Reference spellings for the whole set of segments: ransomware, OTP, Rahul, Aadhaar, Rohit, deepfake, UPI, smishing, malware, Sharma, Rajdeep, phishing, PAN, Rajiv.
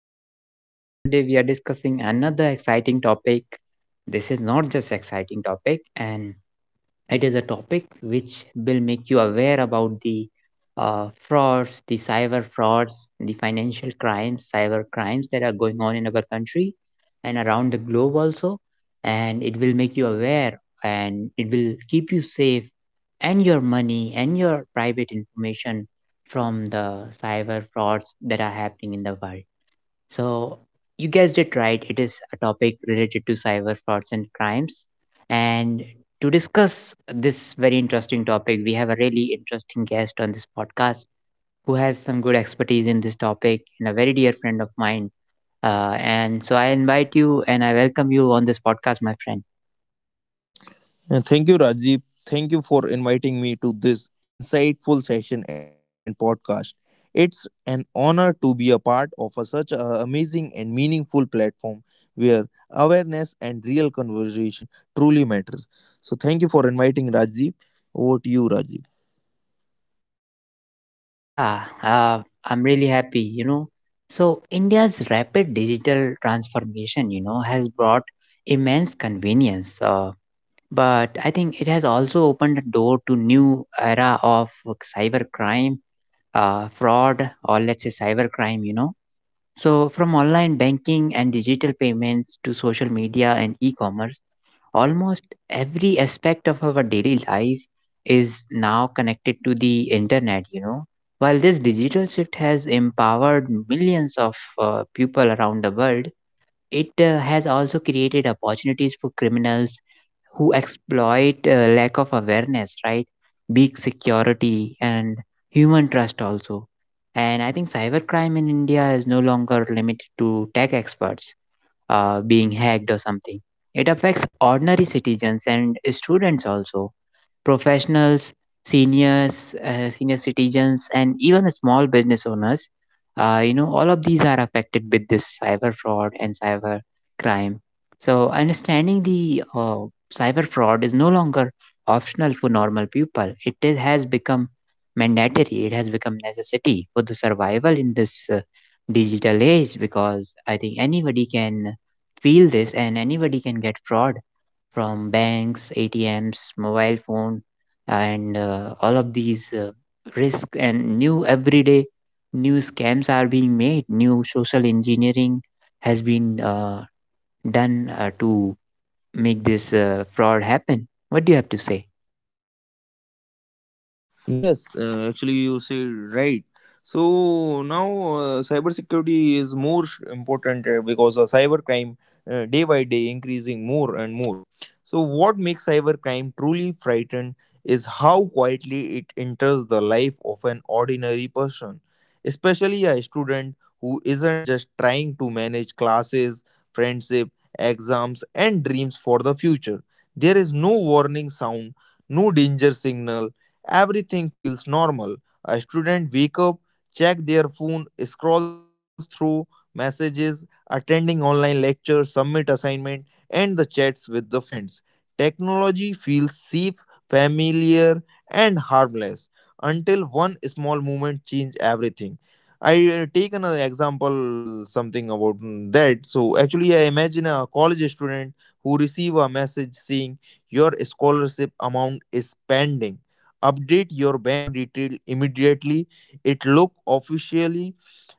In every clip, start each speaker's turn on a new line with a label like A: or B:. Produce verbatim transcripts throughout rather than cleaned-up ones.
A: to my podcast. And today we are discussing another exciting topic. This is not just exciting topic, and it is a topic which will make you aware about the uh, frauds, the cyber frauds, the financial crimes, cyber crimes that are going on in our country and around the globe also. And it will make you aware and it will keep you safe and your money and your private information from the cyber frauds that are happening in the world. So, you guessed it right. It is a topic related to cyber frauds and crimes. And to discuss this very interesting topic, we have a really interesting guest on this podcast who has some good expertise in this topic and a very dear friend of mine. Uh, and so, I invite you and I welcome you on this podcast, my friend.
B: And Thank you, Rajiv. Thank you for inviting me to this insightful session and podcast. It's an honor to be a part of a, such an amazing and meaningful platform where awareness and real conversation truly matters. So, thank you for inviting Rajiv. Over to you, Rajiv.
A: Yeah, uh, I'm really happy, you know. So, India's rapid digital transformation, you know, has brought immense convenience. Uh, but I think it has also opened the door to new era of cybercrime, uh, fraud, or let's say cybercrime. You know, so from online banking and digital payments to social media and e-commerce, almost every aspect of our daily life is now connected to the internet. You know, while this digital shift has empowered millions of uh, people around the world, it uh, has also created opportunities for criminals who exploit uh, lack of awareness, right? Big security and human trust also. And I think cybercrime in India is no longer limited to tech experts uh, being hacked or something. It affects ordinary citizens and students also professionals, seniors, uh, senior citizens, and even small business owners. Uh, you know, all of these are affected with this cyber fraud and cyber crime. So, understanding the uh, cyber fraud is no longer optional for normal people. It is, has become mandatory. It has become necessity for the survival in this uh, digital age because I think anybody can feel this and anybody can get fraud from banks, A T Ms, mobile phone, and uh, all of these uh, risks and new everyday new scams are being made. New social engineering has been uh, done uh, to make this uh, fraud happen. What do you have to say?
B: Yes, uh, actually, you say right. So now, uh, cybersecurity is more sh- important uh, because uh, cybercrime uh, day by day increasing more and more. So what makes cybercrime truly frightened is how quietly it enters the life of an ordinary person, especially a student who isn't just trying to manage classes, friendship, exams, and dreams for the future. There is no warning sound, no danger signal. Everything feels normal. A student wake up, check their phone, scrolls through messages, attending online lectures, submit assignment, and the chats with the friends. Technology feels safe, familiar, and harmless until one small moment change everything. I uh, take an example something about mm, that. So actually, I imagine a college student who receive a message saying your scholarship amount is pending, update your bank detail immediately. It look officially,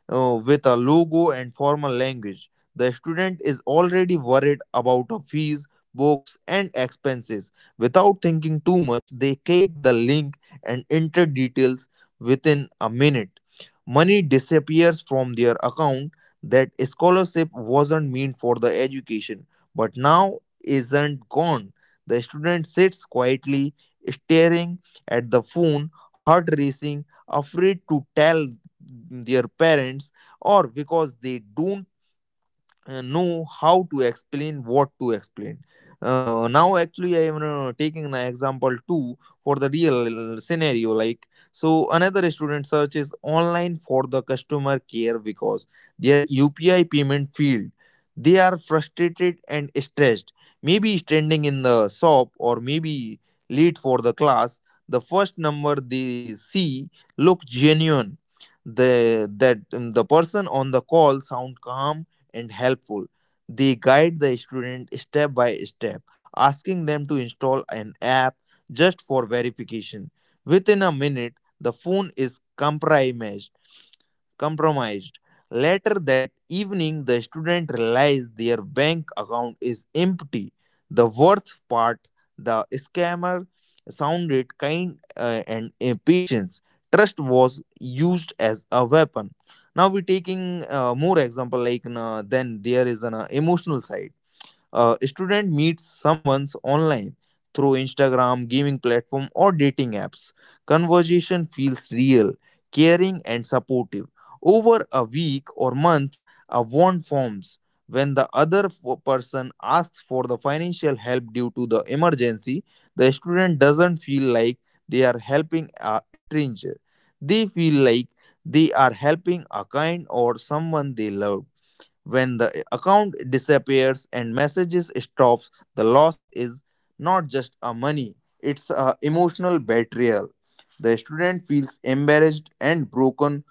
B: uh, with a logo and formal language. The student is already worried about a fees, books, and expenses. Without thinking too much, they click the link and enter details within a minute. Money disappears from their account. That scholarship wasn't meant for the education, but now isn't gone. The student sits quietly, staring at the phone, heart racing, afraid to tell their parents, or because they don't uh, know how to explain, what to explain uh, now. Actually I am uh, taking an example too for the real uh, scenario like so another student searches online for the customer care because their upi payment failed. They are frustrated and stressed, maybe standing in the shop or maybe late for the class. The first number they see look genuine. the that um, the person on the call sound calm and helpful. They guide the student step by step, asking them to install an app just for verification. Within a minute, the phone is compromised. compromised. Later that evening, the student realized their bank account is empty. The worst part, the scammer sounded kind uh, and impatient. Trust was used as a weapon. Now we're taking uh, more example like uh, then there is an uh, emotional side. A student meets someone online through Instagram, gaming platform, or dating apps. Conversation feels real, caring, and supportive. Over a week or month, a bond forms. When the other f- person asks for the financial help due to the emergency, the student doesn't feel like they are helping a stranger. They feel like they are helping a kind or someone they love. When the account disappears and messages stops, the loss is not just a money, it's a emotional betrayal. The student feels embarrassed and broken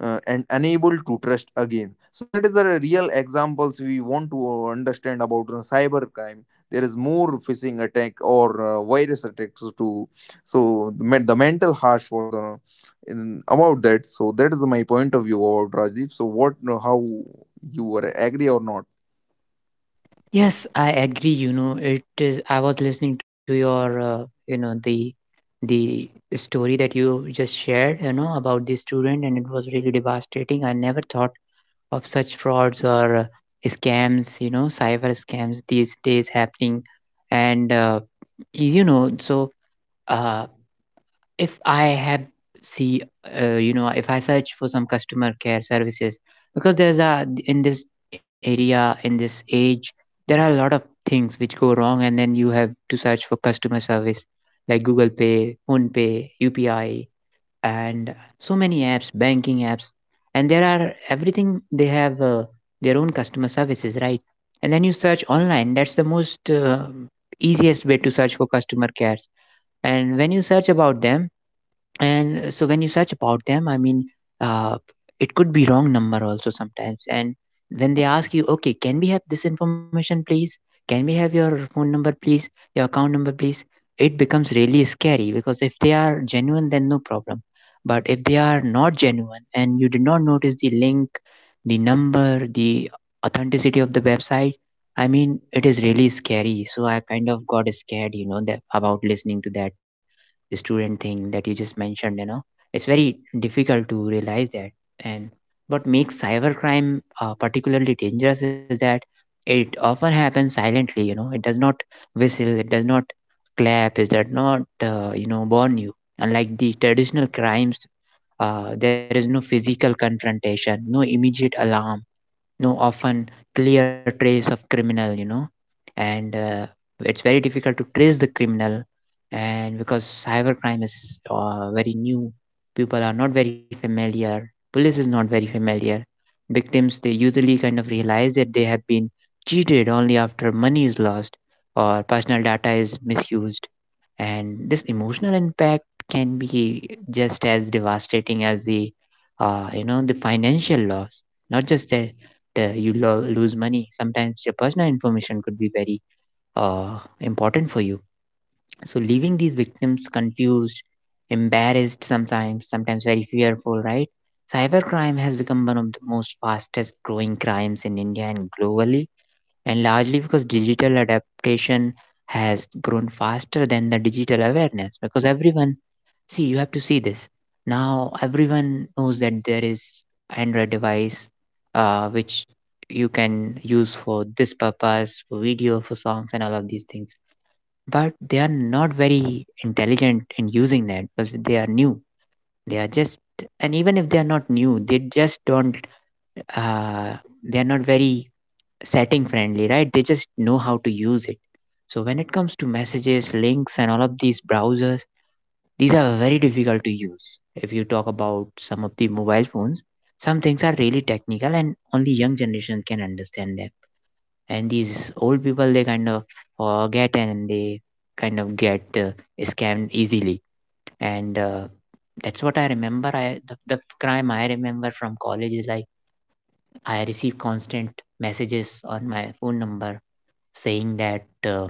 B: uh, and unable to trust again. So that is the real examples we want to understand about uh, cybercrime. There is more phishing attack or uh, virus attacks to, so the men- the mental harsh for the in, about that. So that is my point of view about Rajiv. So what, how you were agree or not?
A: Yes, I agree. You know, it is. I was listening to your, uh, you know, the the story that you just shared. You know, about the student, and it was really devastating. I never thought of such frauds or uh, scams, you know, cyber scams these days happening. And, uh, you know, so uh, if I have see, uh, you know, if I search for some customer care services, because there's a, in this area, in this age, there are a lot of things which go wrong, and then you have to search for customer service like Google Pay, Phone Pay, U P I, and so many apps, banking apps, and there are everything they have uh, their own customer services, right? And then you search online. That's the most uh, easiest way to search for customer cares. And when you search about them, and so when you search about them, I mean, uh, it could be wrong number also sometimes, and when they ask you, okay, can we have this information, please? Can we have your phone number, please? Your account number, please? It becomes really scary, because if they are genuine, then no problem. But if they are not genuine, and you did not notice the link, the number, the authenticity of the website, I mean, it is really scary. So I kind of got scared, you know, that, about listening to that student thing that you just mentioned, you know, it's very difficult to realize that. And what makes cybercrime uh, particularly dangerous is that it often happens silently. You know, it does not whistle, it does not clap, it does not uh, you know, warn you, unlike the traditional crimes. Uh, there is no physical confrontation, no immediate alarm, no often clear trace of criminal, you know. And uh, it's very difficult to trace the criminal, and because cybercrime is uh, very new, people are not very familiar, police is not very familiar, victims, they usually kind of realize that they have been cheated only after money is lost or personal data is misused. And this emotional impact can be just as devastating as the uh, you know, the financial loss. Not just the uh, you lo- lose money. Sometimes your personal information could be very uh, important for you. So, leaving these victims confused, embarrassed sometimes, sometimes very fearful, right? Cybercrime has become one of the most fastest growing crimes in India and globally, and largely because digital adaptation has grown faster than the digital awareness, because everyone, see, you have to see this. Now, everyone knows that there is Android device uh, which you can use for this purpose, for video, for songs, and all of these things. But they are not very intelligent in using that because they are new. They are just, and even if they are not new, they just don't, uh, they are not very setting friendly, right? They just know how to use it. So when it comes to messages, links, and all of these browsers, these are very difficult to use. If you talk about some of the mobile phones, some things are really technical and only young generation can understand them. And these old people, they kind of forget and they kind of get uh, scammed easily. And uh, that's what I remember. I the, the crime I remember from college is like I receive constant messages on my phone number saying that uh,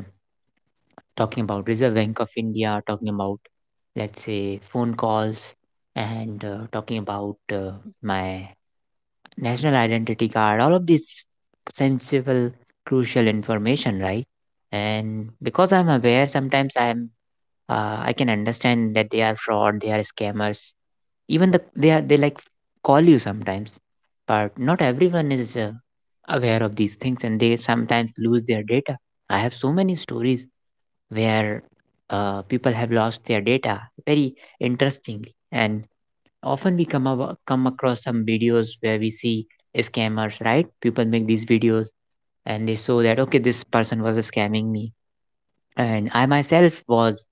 A: talking about Reserve Bank of India, talking about, let's say, phone calls, and uh, talking about uh, my national identity card, all of this sensible, crucial information, right? And because I'm aware, sometimes I'm uh, I can understand that they are fraud, they are scammers. Even the they are they like call you sometimes, but not everyone is uh, aware of these things, and they sometimes lose their data. I have so many stories where uh, people have lost their data very interestingly, and often we come, abo- come across some videos where we see scammers, right? People make these videos and they show that, okay, this person was scamming me, and I myself was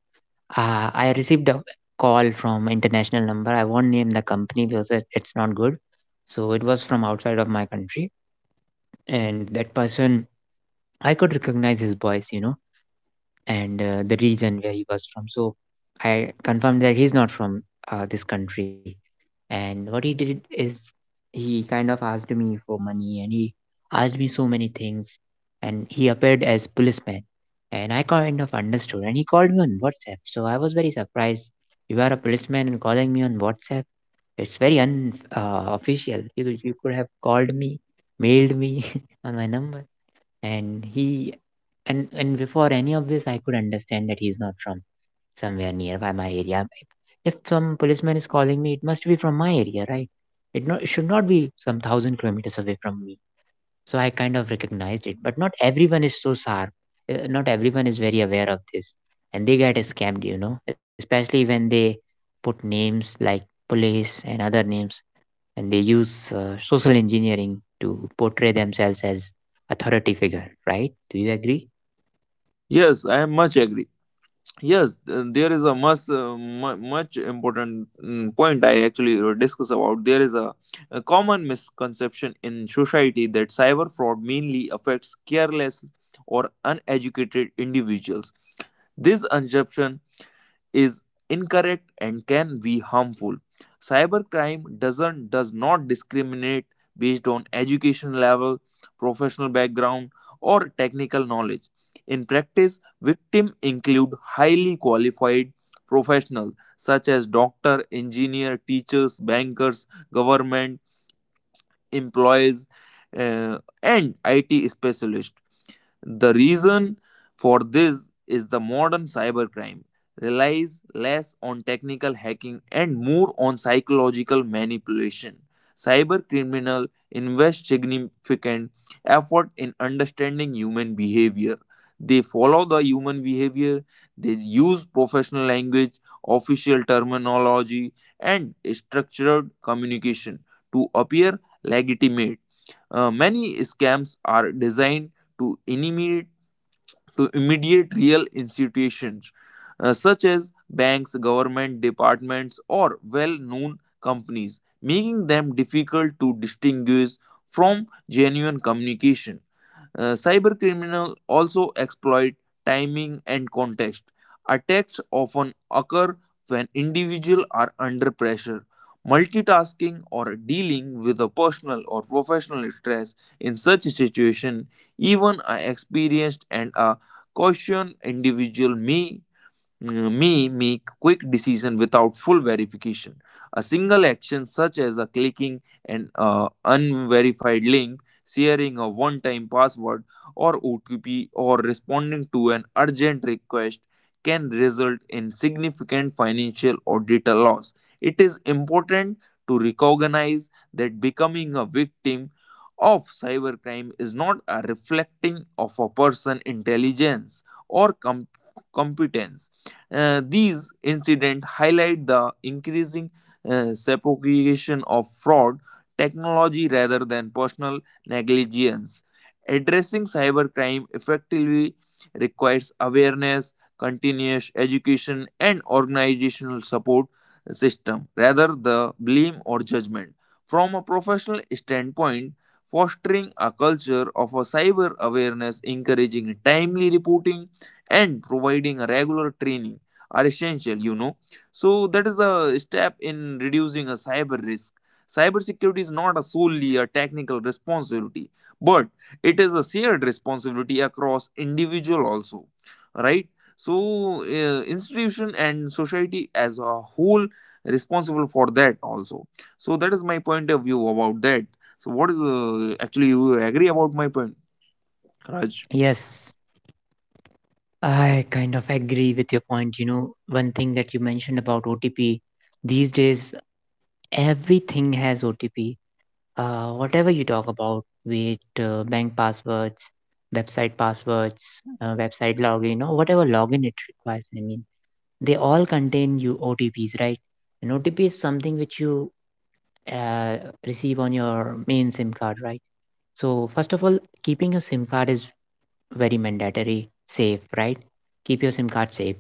A: uh, I received a call from international number. I won't name the company because it- it's not good. So it was from outside of my country, and that person, I could recognize his voice, you know, and uh, the region where he was from. So I confirmed that he's not from uh, this country. And what he did is he kind of asked me for money and he asked me so many things. And he appeared as policeman. And I kind of understood. And he called me on WhatsApp. So I was very surprised. You are a policeman and calling me on WhatsApp. It's very unofficial. Uh, official. you, you could have called me, mailed me on my number. And he and and before any of this, I could understand that he's not from somewhere nearby my area. If some policeman is calling me, it must be from my area, right? It, not, it should not be some thousand kilometers away from me. So I kind of recognized it, but not everyone is so sharp. Uh, Not everyone is very aware of this, and they get scammed, you know, especially when they put names like police and other names, and they use uh, social engineering to portray themselves as authority figure, right? Do you agree?
B: Yes, I am much agree. Yes, th- there is a much uh, mu- much important mm, point I actually uh, discuss about. There is a, a common misconception in society that cyber fraud mainly affects careless or uneducated individuals. This assumption is incorrect and can be harmful. Cybercrime doesn't does not discriminate based on education level, professional background, or technical knowledge. In practice, victims include highly qualified professionals such as doctor, engineer, teachers, bankers, government employees, uh, and I T specialists. The reason for this is the modern cybercrime relies less on technical hacking and more on psychological manipulation. Cybercriminal invest significant effort in understanding human behavior. They follow the human behavior, they use professional language, official terminology, and structured communication to appear legitimate. Uh, many scams are designed to immediate, to immediate real institutions uh, such as banks, government departments, or well known companies, making them difficult to distinguish from genuine communication. Uh, cyber criminals also exploit timing and context. Attacks often occur when individuals are under pressure, multitasking, or dealing with a personal or professional stress. In such a situation, even an experienced and a cautious individual may Mm, may make quick decision without full verification. A single action such as a clicking an uh, unverified link, sharing a one-time password or O T P or responding to an urgent request can result in significant financial or data loss. It is important to recognize that becoming a victim of cybercrime is not a reflecting of a person's intelligence or com- competence. Uh, these incidents highlight the increasing uh, sophistication of fraud technology rather than personal negligence. Addressing cybercrime effectively requires awareness, continuous education, and organizational support system rather the blame or judgment. From a professional standpoint, fostering a culture of a cyber awareness, encouraging timely reporting, and providing a regular training are essential, you know. So that is a step in reducing a cyber risk. Cybersecurity is not a solely a technical responsibility, but it is a shared responsibility across individual also, right? So uh, institution and society as a whole responsible for that also. So that is my point of view about that. So what is uh, actually you agree about my point, Raj?
A: Yes, I kind of agree with your point. You know, one thing that you mentioned about O T P, these days everything has O T P. Uh, whatever you talk about, be it uh, bank passwords, website passwords, uh, website login, or whatever login it requires, I mean, they all contain you O T Ps, right? An O T P is something which you uh, receive on your main SIM card, right? So, first of all, keeping a SIM card is very mandatory safe, right? Keep your SIM card safe.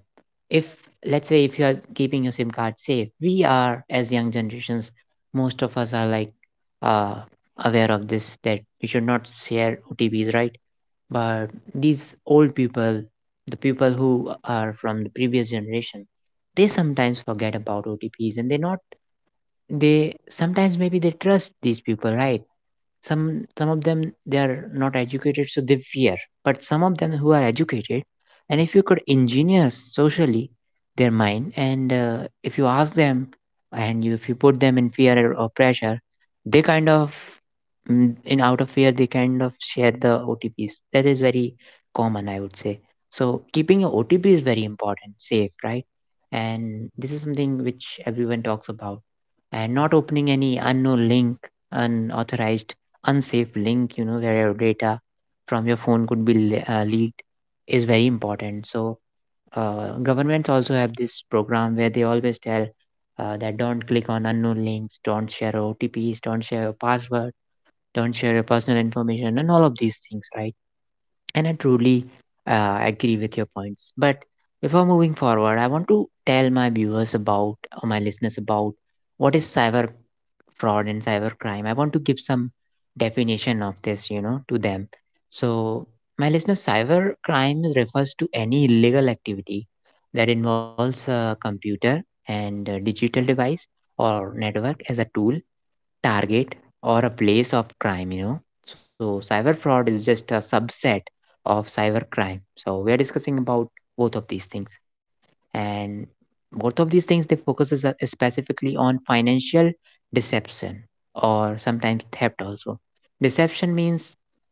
A: If, let's say if you are keeping your SIM card safe, we are as young generations, most of us are like uh, aware of this that we should not share OTPs, right? But these old people, the people who are from the previous generation, they sometimes forget about OTPs, and they not, they sometimes maybe they trust these people, right? Some some of them they are not educated, so they fear. But some of them who are educated, and if you could engineer socially their mind, and uh, if you ask them and you, if you put them in fear or pressure, they kind of, mm, in out of fear they kind of share the OTPs. That is very common, I would say. So keeping your OTP is very important safe, right? And this is something which everyone talks about. And not opening any unknown link, unauthorized unsafe link, you know, where your data from your phone could be le- uh, leaked is very important. So uh, governments also have this program where they always tell uh, that don't click on unknown links, don't share OTPs, don't share your password, don't share your personal information, and all of these things, right? And I truly uh, agree with your points, but before moving forward I want to tell my viewers about, or my listeners about, what is cyber fraud and cybercrime. I want to give some definition of this, you know, to them. So, my listeners, cybercrime refers to any illegal activity that involves a computer and a digital device or network as a tool, target, or a place of crime, you know. So, cyber fraud is just a subset of cybercrime. So, we are discussing about both of these things, and both of these things they focuses uh, specifically on financial deception or sometimes theft also. Deception means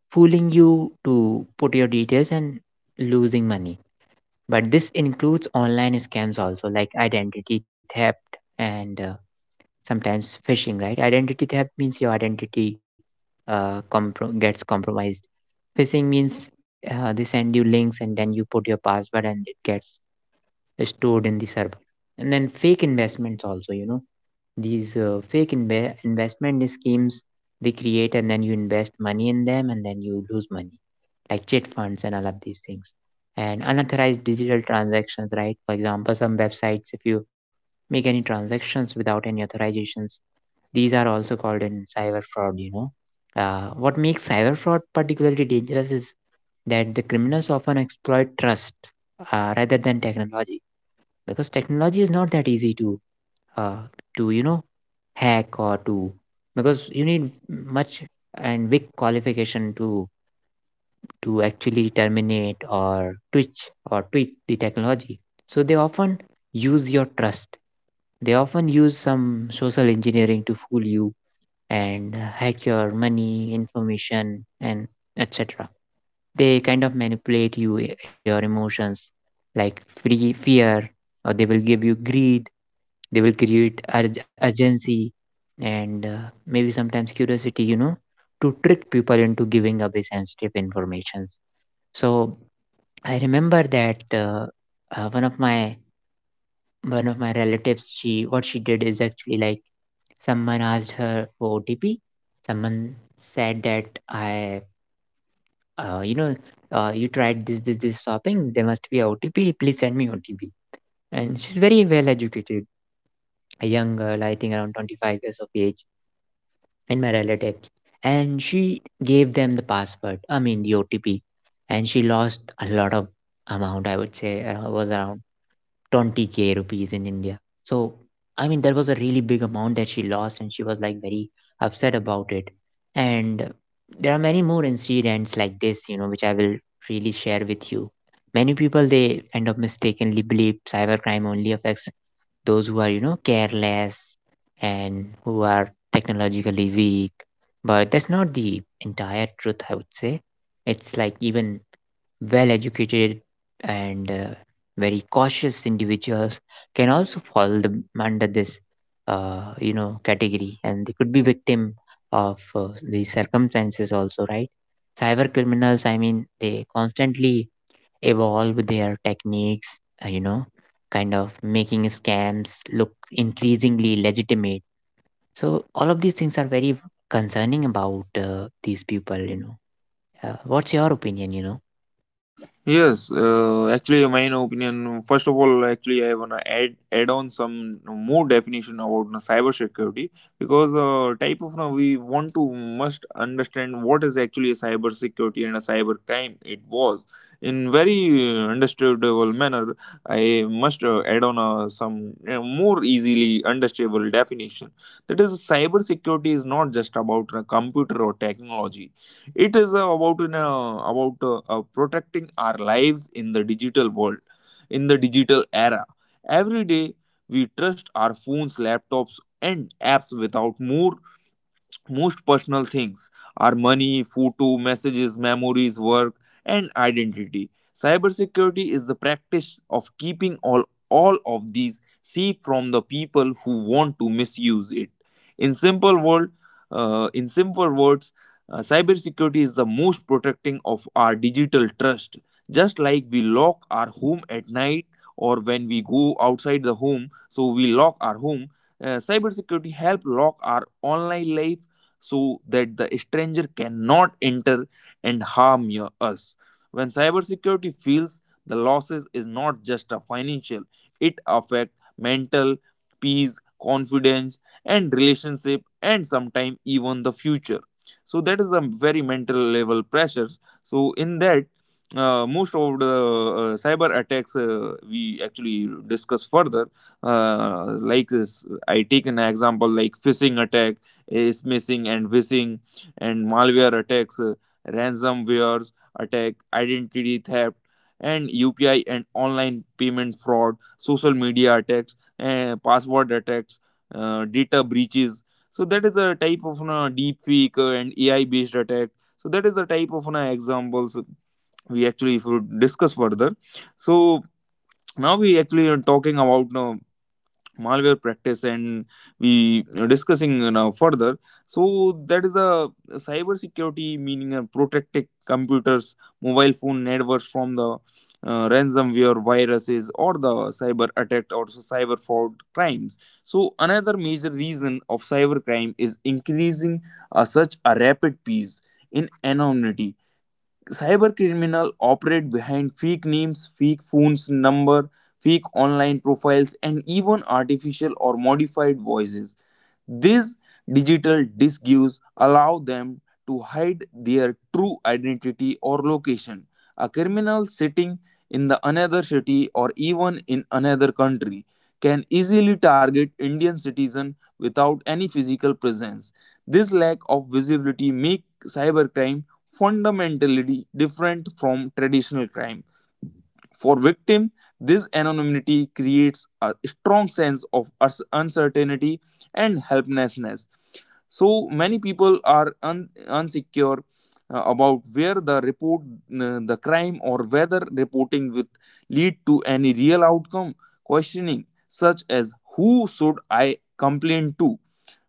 A: fooling you to put your details and losing money. But this includes online scams also, like identity theft and uh, sometimes phishing, right? Identity theft means your identity uh, compro- gets compromised. Phishing means uh, they send you links and then you put your password and it gets stored in the server. And then fake investments also, you know, these uh, fake inve- investment schemes they create, and then you invest money in them and then you lose money, like chit funds and all of these things. And unauthorized digital transactions, right? For example, some websites, if you make any transactions without any authorizations, these are also called in cyber fraud, you know. Uh, what makes cyber fraud particularly dangerous is that the criminals often exploit trust uh, rather than technology, because technology is not that easy to uh, to you know hack or to, because you need much and big qualification to to actually terminate or twitch or tweak the technology. So they often use your trust, they often use some social engineering to fool you and uh, hack your money information and etc. They kind of manipulate you, your emotions, like free fear, or they will give you greed, they will create ur- urgency, and uh, maybe sometimes curiosity, you know, to trick people into giving away sensitive informations. So I remember that, uh, uh, one of my, one of my relatives, she what she did is actually like someone asked her for OTP. Someone said that I, uh, you know uh, you tried this this this shopping, there must be a OTP, please send me OTP. And she's very well educated, a young girl, I think around twenty-five years of age, and my relatives. And she gave them the password, I mean the O T P. And she lost a lot of amount, I would say uh, it was around twenty k rupees in India. So, I mean, that was a really big amount that she lost, and she was like very upset about it. And there are many more incidents like this, you know, which I will really share with you. Many people they end up mistakenly believe cybercrime only affects those who are, you know, careless and who are technologically weak. But that's not the entire truth, I would say. It's like even well educated and uh, very cautious individuals can also fall the, under this uh, you know category, and they could be victim of uh, these circumstances also, right? Cyber criminals, I mean they constantly evolve their techniques, uh, you know, kind of making scams look increasingly legitimate. So all of these things are very concerning about uh, these people, you know. Uh, what's your opinion, you know?
B: Yes, uh, actually, my opinion. First of all, actually, I wanna add add on some more definition about, you know, cybersecurity because uh, type of now we want to must understand what is actually a cybersecurity and a cyber crime. It was in very uh, understandable manner. I must uh, add on uh, some uh, more easily understandable definition. That is, cybersecurity is not just about a computer or technology, it is uh, about in, uh, about uh, uh, protecting our lives in the digital world, in the digital era. Every day we trust our phones, laptops, and apps without more most personal things are money, photo, messages, memories, work, and identity. Cybersecurity is the practice of keeping all, all of these safe from the people who want to misuse it. In simple word, uh, in simple words, uh, cybersecurity is the most protecting of our digital trust. Just like we lock our home at night or when we go outside the home, so we lock our home. Uh, cybersecurity help lock our online life so that the stranger cannot enter and harm your, us. When cybersecurity feels the losses is not just a financial, it affects mental, peace, confidence, and relationship, and sometimes even the future. So that is a very mental level pressures. So in that, uh, most of the uh, cyber attacks uh, we actually discuss further uh, like this, I take an example like phishing attack is missing and phishing and malware attacks, uh, ransomware attack, identity theft, and U P I and online payment fraud, social media attacks, and password attacks, uh, data breaches. So that is a type of uh, deep fake uh, and A I based attack. So that is the type of uh, examples we actually if we discuss further. So now we actually are talking about now malware practice and we are discussing now further, so that is the cyber security meaning, uh, protecting computers, mobile phone networks from the uh, ransomware viruses or the cyber attack or so cyber fraud crimes. So another major reason of cyber crime is increasing uh, such a rapid pace in anonymity. Cyber criminal operate behind fake names, fake phones number, fake online profiles, and even artificial or modified voices. These digital disguise allow them to hide their true identity or location. A criminal sitting in the another city or even in another country can easily target Indian citizen without any physical presence. This lack of visibility make cybercrime fundamentally different from traditional crime. For victim, this anonymity creates a strong sense of us- uncertainty and helplessness. So many people are un- unsecure uh, about where the report uh, the crime or whether reporting would lead to any real outcome. Questioning such as who should I complain to,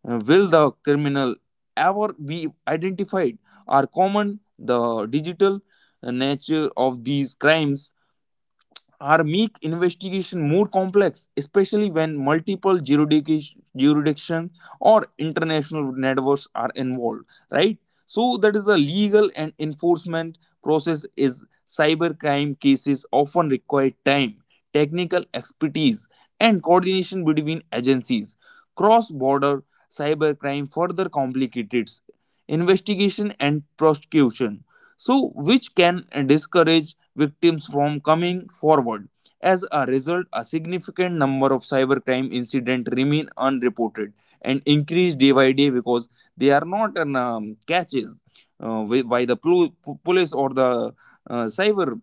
B: uh, will the criminal ever be identified? Are common the digital uh, nature of these crimes are make investigation more complex, especially when multiple jurisdic- jurisdictions or international networks are involved, right? So that is the legal and enforcement process is cybercrime cases often require time, technical expertise, and coordination between agencies. Cross-border cybercrime further complicates investigation and prosecution, so which can discourage victims from coming forward. As a result, a significant number of cybercrime incidents remain unreported and increase day by day because they are not um, catches uh, wi- by the plu- police or the uh, cyber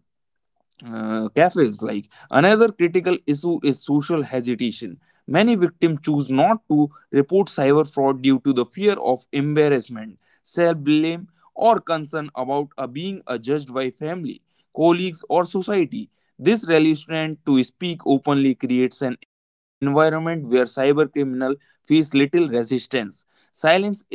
B: uh, cafes. Like another critical issue is social hesitation. Many victims choose not to report cyber fraud due to the fear of embarrassment, self blame, or concern about uh, being uh, judged by family, colleagues, or society. This reluctance to speak openly creates an environment where cyber criminals face little resistance. Silence is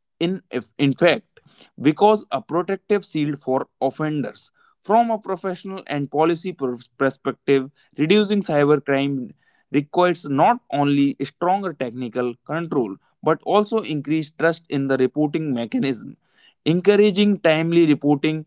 B: in, if, in fact, because a protective shield for offenders. From a professional and policy per- perspective, reducing cybercrime requires not only stronger technical control but also increased trust in the reporting mechanism. Encouraging timely reporting,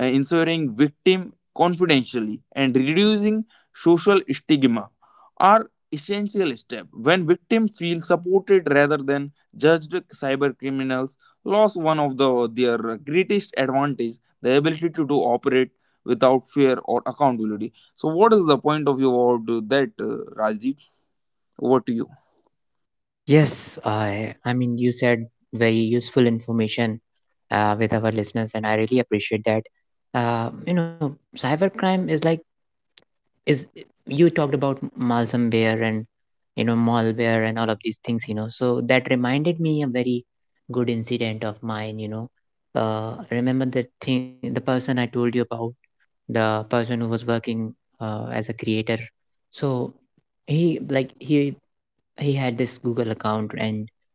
B: uh, ensuring victim confidentially, and reducing social stigma are essential steps. When victims feel supported rather than judged, cyber criminals lost one of the, their greatest advantage, the ability to do operate without fear or accountability. So what is the point of view about uh, that uh, Rajdeep? Over to you.
A: Yes, I I mean you said very useful information uh, with our listeners and I really appreciate that. Uh, you know, cybercrime is like, is, you talked about malware, and you know malware and all of these things, you know, so that reminded me a very good incident of mine, you know. Uh, remember the thing, the person I told you about, the person who was working uh, as a creator. So he like he he had this Google account. And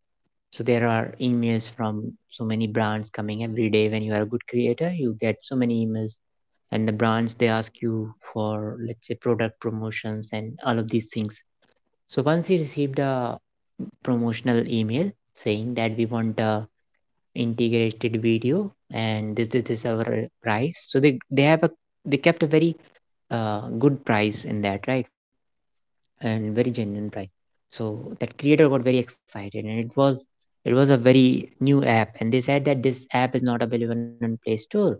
A: so there are emails from so many brands coming every day. When you are a good creator, you get so many emails, and the brands they ask you for, let's say, product promotions and all of these things. So once we received a promotional email saying that we want a integrated video, and this this is our uh, price. So they they have a, they kept a very uh, good price in that, right? And very genuine price. So that creator got very excited, and it was, it was a very new app, and they said that this app is not available in Play Store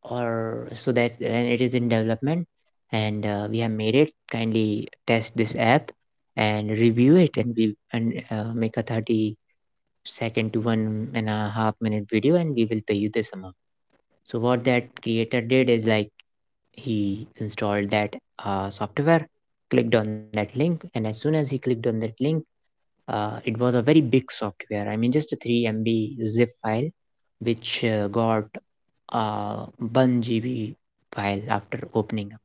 A: or so that, and it is in development, and uh, we have made it, kindly test this app and review it, and we and uh, make a thirty second to one and a half minute video, and we will pay you this amount. So what that creator did is like, he installed that uh, software, clicked on that link, and as soon as he clicked on that link, uh, it was a very big software, I mean just a three m b zip file, which uh, got uh, one g b file after opening up.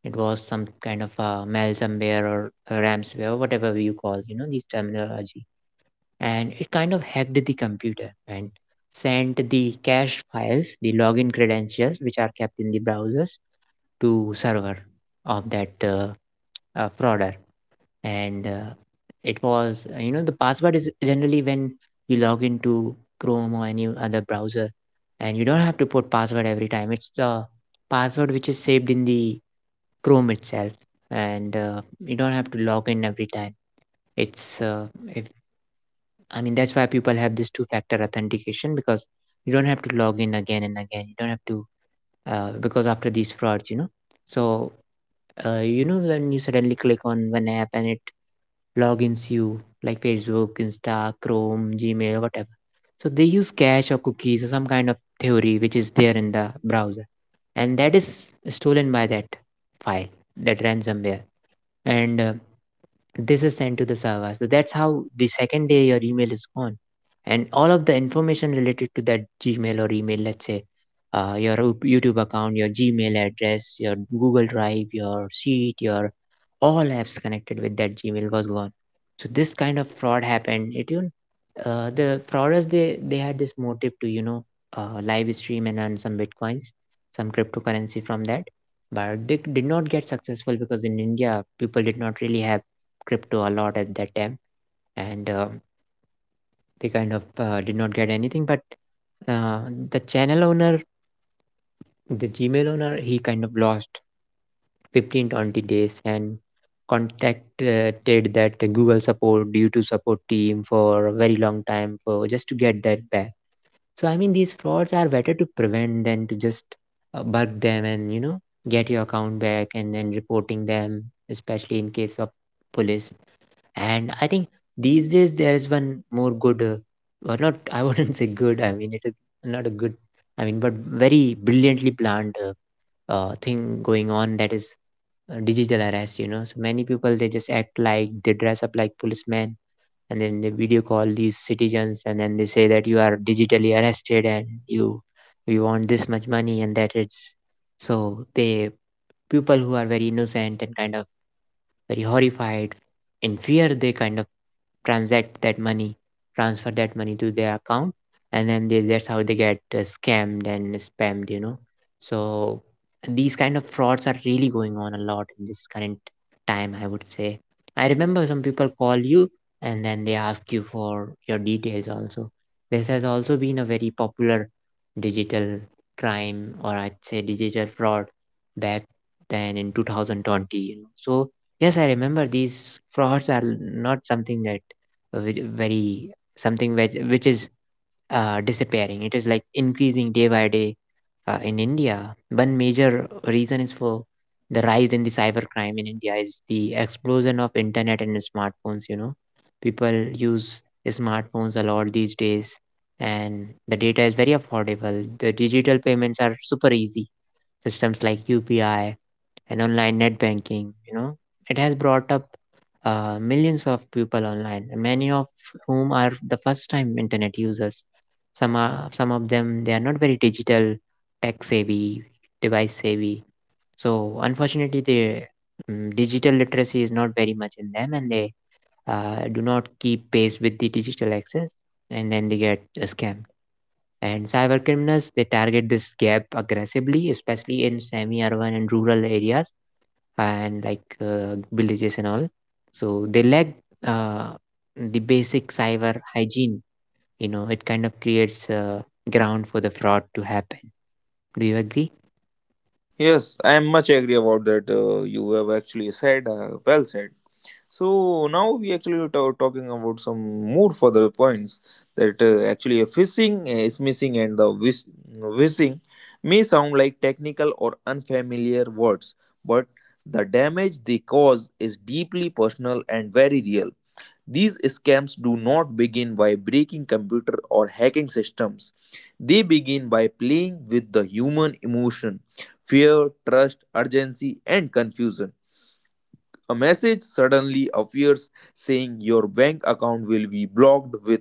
A: It was some kind of a malware or a ransomware, whatever you call, you know, this terminology. And it kind of hacked the computer and sent the cache files, the login credentials, which are kept in the browsers, to server of that uh, uh, fraud. And uh, it was uh, you know, the password is generally when you log into Chrome or any other browser, and you don't have to put password every time, it's the password which is saved in the Chrome itself, and uh, you don't have to log in every time. It's uh, if I mean that's why people have this two factor authentication, because you don't have to log in again and again, you don't have to uh, because after these frauds, you know. So uh, you know, when you suddenly click on one app and it logins you, like Facebook, Insta, Chrome, Gmail, whatever. So they use cache or cookies or some kind of theory which is there in the browser, and that is stolen by that file, that ransomware, and uh, this is sent to the server. So that's how the second day your email is gone, and all of the information related to that Gmail or email, let's say. Uh, your YouTube account, your Gmail address, your Google Drive, your sheet, your all apps connected with that Gmail was gone. So this kind of fraud happened. It you, uh, the frauders, they they had this motive to, you know, uh, live stream and earn some bitcoins, some cryptocurrency from that, but they did not get successful because in India people did not really have crypto a lot at that time, and uh, they kind of uh, did not get anything. But uh, the channel owner, the Gmail owner, he kind of lost fifteen twenty days and contacted that Google support due to support team for a very long time for just to get that back. So I mean these frauds are better to prevent than to just uh, bug them, and you know, get your account back and then reporting them, especially in case of police. And I think these days there is one more good uh, or not I wouldn't say good, I mean it is not a good, I mean, but very brilliantly planned, uh, uh, thing going on, that is uh, digital arrest, you know. So many people, they just act like, they dress up like policemen and then they video call these citizens and then they say that you are digitally arrested and you, we want this much money and that it's, so they, people who are very innocent and kind of very horrified, in fear they kind of transact that money, transfer that money to their account, and then they, that's how they get uh, scammed and spammed, you know. So these kind of frauds are really going on a lot in this current time, I would say. I remember some people call you and then they ask you for your details also. This has also been a very popular digital crime, or I'd say digital fraud, back then in two thousand twenty, you know. So, yes, I remember these frauds are not something that ve- very, something which, which is uh, disappearing. It is like increasing day by day uh, in India. One major reason is for the rise in the cybercrime in India is the explosion of internet and smartphones. You know, people use smartphones a lot these days, and the data is very affordable. The digital payments are super easy. Systems like U P I and online net banking, you know, it has brought up uh, millions of people online, many of whom are the first time internet users. Some are, some of them they are not very digital, tech savvy, device savvy. So unfortunately, the mm, digital literacy is not very much in them, and they uh, do not keep pace with the digital access, and then they get uh, scammed. And cyber criminals they target this gap aggressively, especially in semi-urban and rural areas and like uh, villages and all. So they lack uh, the basic cyber hygiene. You know, it kind of creates a ground for the fraud to happen. Do you agree?
B: Yes, I am much agree about that. Uh, you have actually said, uh, well said. So now we actually were ta- talking about some more further points, that uh, actually a phishing uh, is missing, and the whis- whizzing may sound like technical or unfamiliar words, but the damage they cause is deeply personal and very real. These scams do not begin by breaking computer or hacking systems. They begin by playing with the human emotion, fear, trust, urgency, and confusion. A message suddenly appears saying your bank account will be blocked with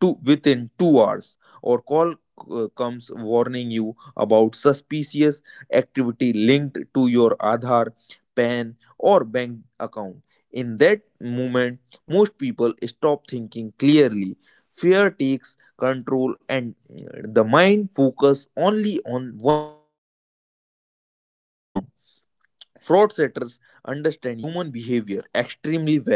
B: two, within two hours, or call uh, comes warning you about suspicious activity linked to your Aadhaar, P A N or bank account. In that moment, most people stop thinking clearly. Fear takes control, and uh, the mind focus only on one thing, saving the account. Fraudsters understand human behavior extremely well.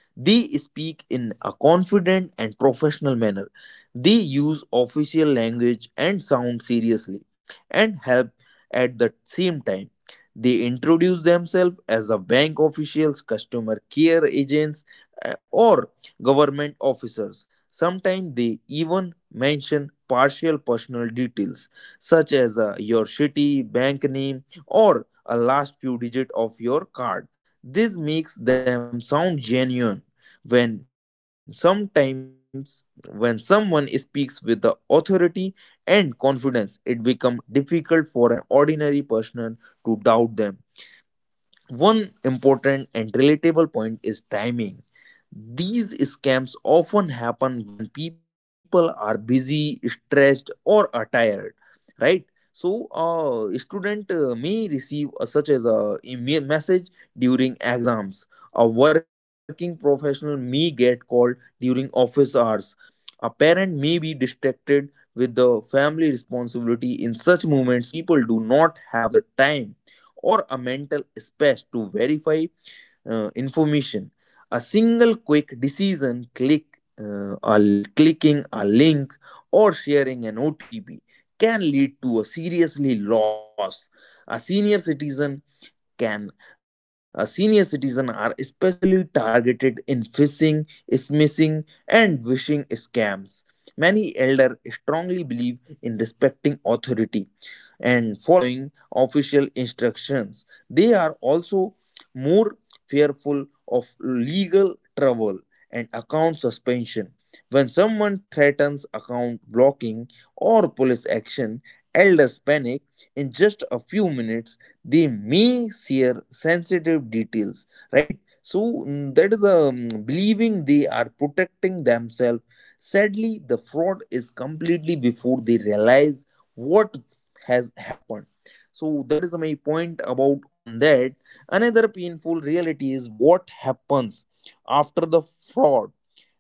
B: They speak in a confident and professional manner. They use official language and sound seriously and help at the same time. They introduce themselves as a bank officials, customer care agents, uh, or government officers. Sometimes they even mention partial personal details such as uh, your city, bank name, or a last few digit of your card. This makes them sound genuine. When sometimes when someone speaks with the authority and confidence, it becomes difficult for an ordinary person to doubt them. One important and relatable point is timing. These scams often happen when people are busy, stressed, or are tired, right? So, a student uh, may receive a, such as a email message during exams. A working professional may get called during office hours. A parent may be distracted with the family responsibility. In such moments, people do not have the time or a mental space to verify uh, information. A single quick decision, click, uh, a l- clicking a link, or sharing an O T P can lead to a seriously loss. A senior citizen can a senior citizen are especially targeted in phishing, smishing, and phishing scams. Many elder strongly believe in respecting authority and following official instructions. They are also more fearful of legal trouble and account suspension. When someone threatens account blocking or police action, elders panic. In just a few minutes, they may share sensitive details, right? So, mm, that is a, mm, believing they are protecting themselves. Sadly, the fraud is completely before they realize what has happened. So that is my point about on that. Another painful reality is what happens after the fraud.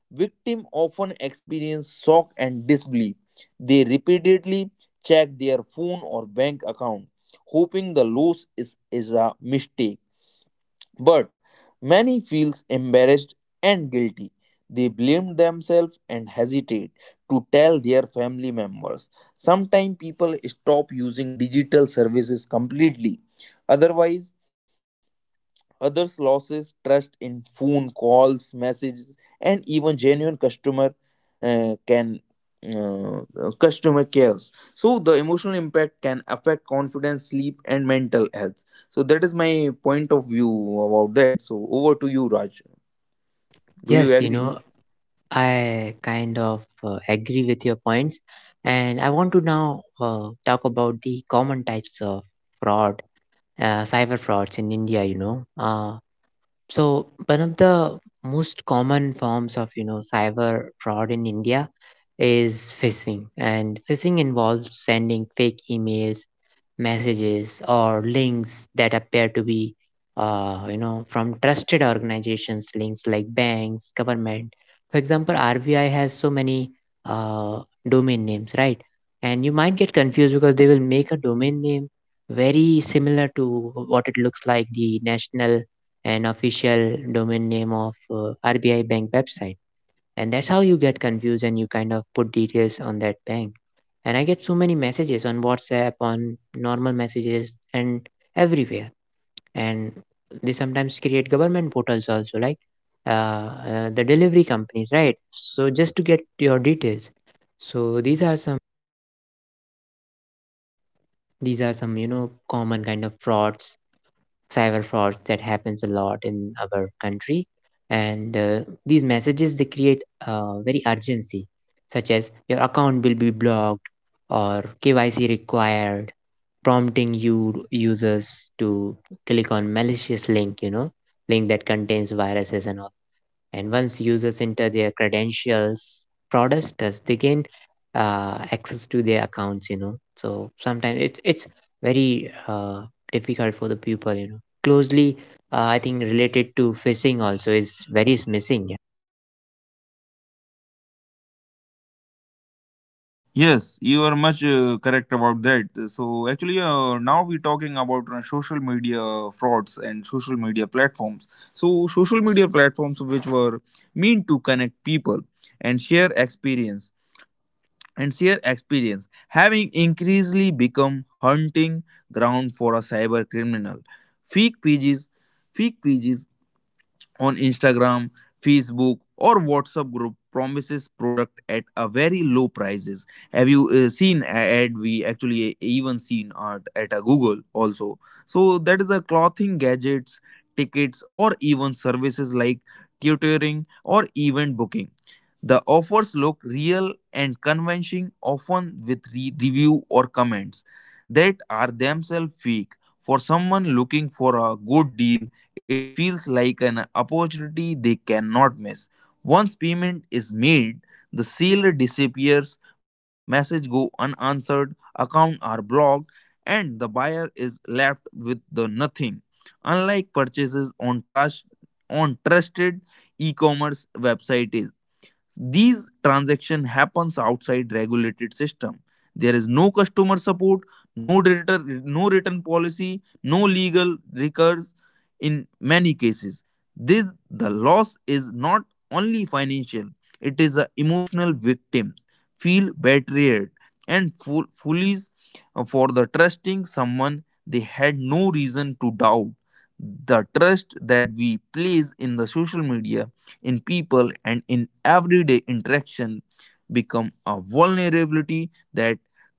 B: Victim often experience shock and disbelief. They repeatedly check their phone or bank account, hoping the loss is, is a mistake, but many feels embarrassed and guilty. They blame themselves and hesitate to tell their family members. Sometimes people stop using digital services completely. Otherwise, others losses trust in phone calls, messages, and even genuine customer uh, can uh, uh, customer cares. So the emotional impact can affect confidence, sleep, and mental health. So that is my point of view about that. So over to you, Raj. Do you
A: Yes, you
B: agree?
A: know, I kind of uh, agree with your points. And I want to now uh, talk about the common types of fraud, uh, cyber frauds in India, you know. Uh, so, one of the most common forms of, you know, cyber fraud in India is phishing, and phishing involves sending fake emails, messages, or links that appear to be, uh, you know, from trusted organizations, links like banks, government. For example, R B I has so many uh, domain names, right? And you might get confused because they will make a domain name very similar to what it looks like the national and official domain name of uh, R B I bank website, and that's how you get confused and you kind of put details on that bank. And I get so many messages on WhatsApp, on normal messages, and everywhere. And they sometimes create government portals also, like uh, uh, the delivery companies, right? So just to get your details. So these are some these are some you know common kind of frauds, cyber frauds, that happens a lot in our country, and uh, these messages they create uh, very urgency, such as your account will be blocked or kyc required, prompting you users to click on malicious link, you know, link that contains viruses and all. And once users enter their credentials, fraudsters they gain uh, access to their accounts. You know, so sometimes it's it's very uh, difficult for the people. You know, closely uh, I think related to phishing also is very missing.
B: Yes, you are much uh, correct about that. So actually, uh, now we're talking about uh, social media frauds and social media platforms. So social media platforms, which were meant to connect people and share experience and share experience having increasingly become hunting ground for a cyber criminal. Fake pages, fake pages on Instagram, Facebook, or WhatsApp group promises product at a very low prices. Have you uh, seen a ad? We actually even seen art at a Google also. So that is a clothing, gadgets, tickets, or even services like tutoring or event booking. The offers look real and convincing, often with re- review or comments that are themselves fake. For someone looking for a good deal, it feels like an opportunity they cannot miss. Once payment is made, the seller disappears, message go unanswered, account are blocked, and the buyer is left with the nothing. Unlike purchases on trust on trusted e-commerce websites, these transaction happens outside regulated system. There is no customer support, no return, no return policy, no legal recourse. In many cases, this the loss is not only financial; it is a emotional. Victims feel betrayed and full foolish uh, for the trusting someone they had no reason to doubt. The trust that we place in the social media, in people, and in everyday interaction become a vulnerability that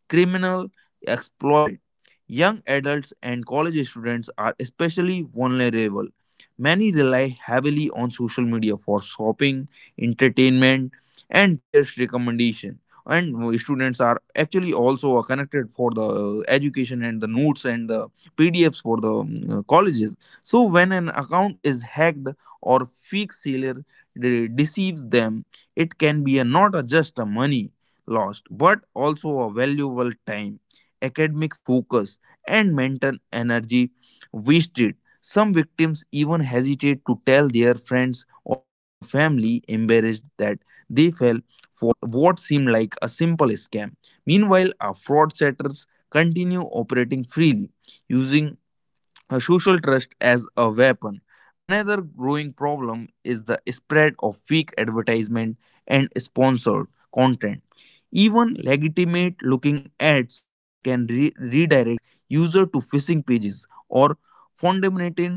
B: criminal exploit. Young adults and college students are especially vulnerable. Many rely heavily on social media for shopping, entertainment, and peers' recommendation. And students are actually also connected for the education and the notes and the P D Fs for the um, colleges. So when an account is hacked or fake seller de- deceives them, it can be a not a just a money lost, but also a valuable time, academic focus, and mental energy wasted. Some victims even hesitate to tell their friends or family, embarrassed that they fell for what seemed like a simple scam. Meanwhile, our fraudsters continue operating freely, using a social trust as a weapon. Another growing problem is the spread of fake advertisement and sponsored content. Even legitimate looking ads can re- redirect user to phishing pages or fundamental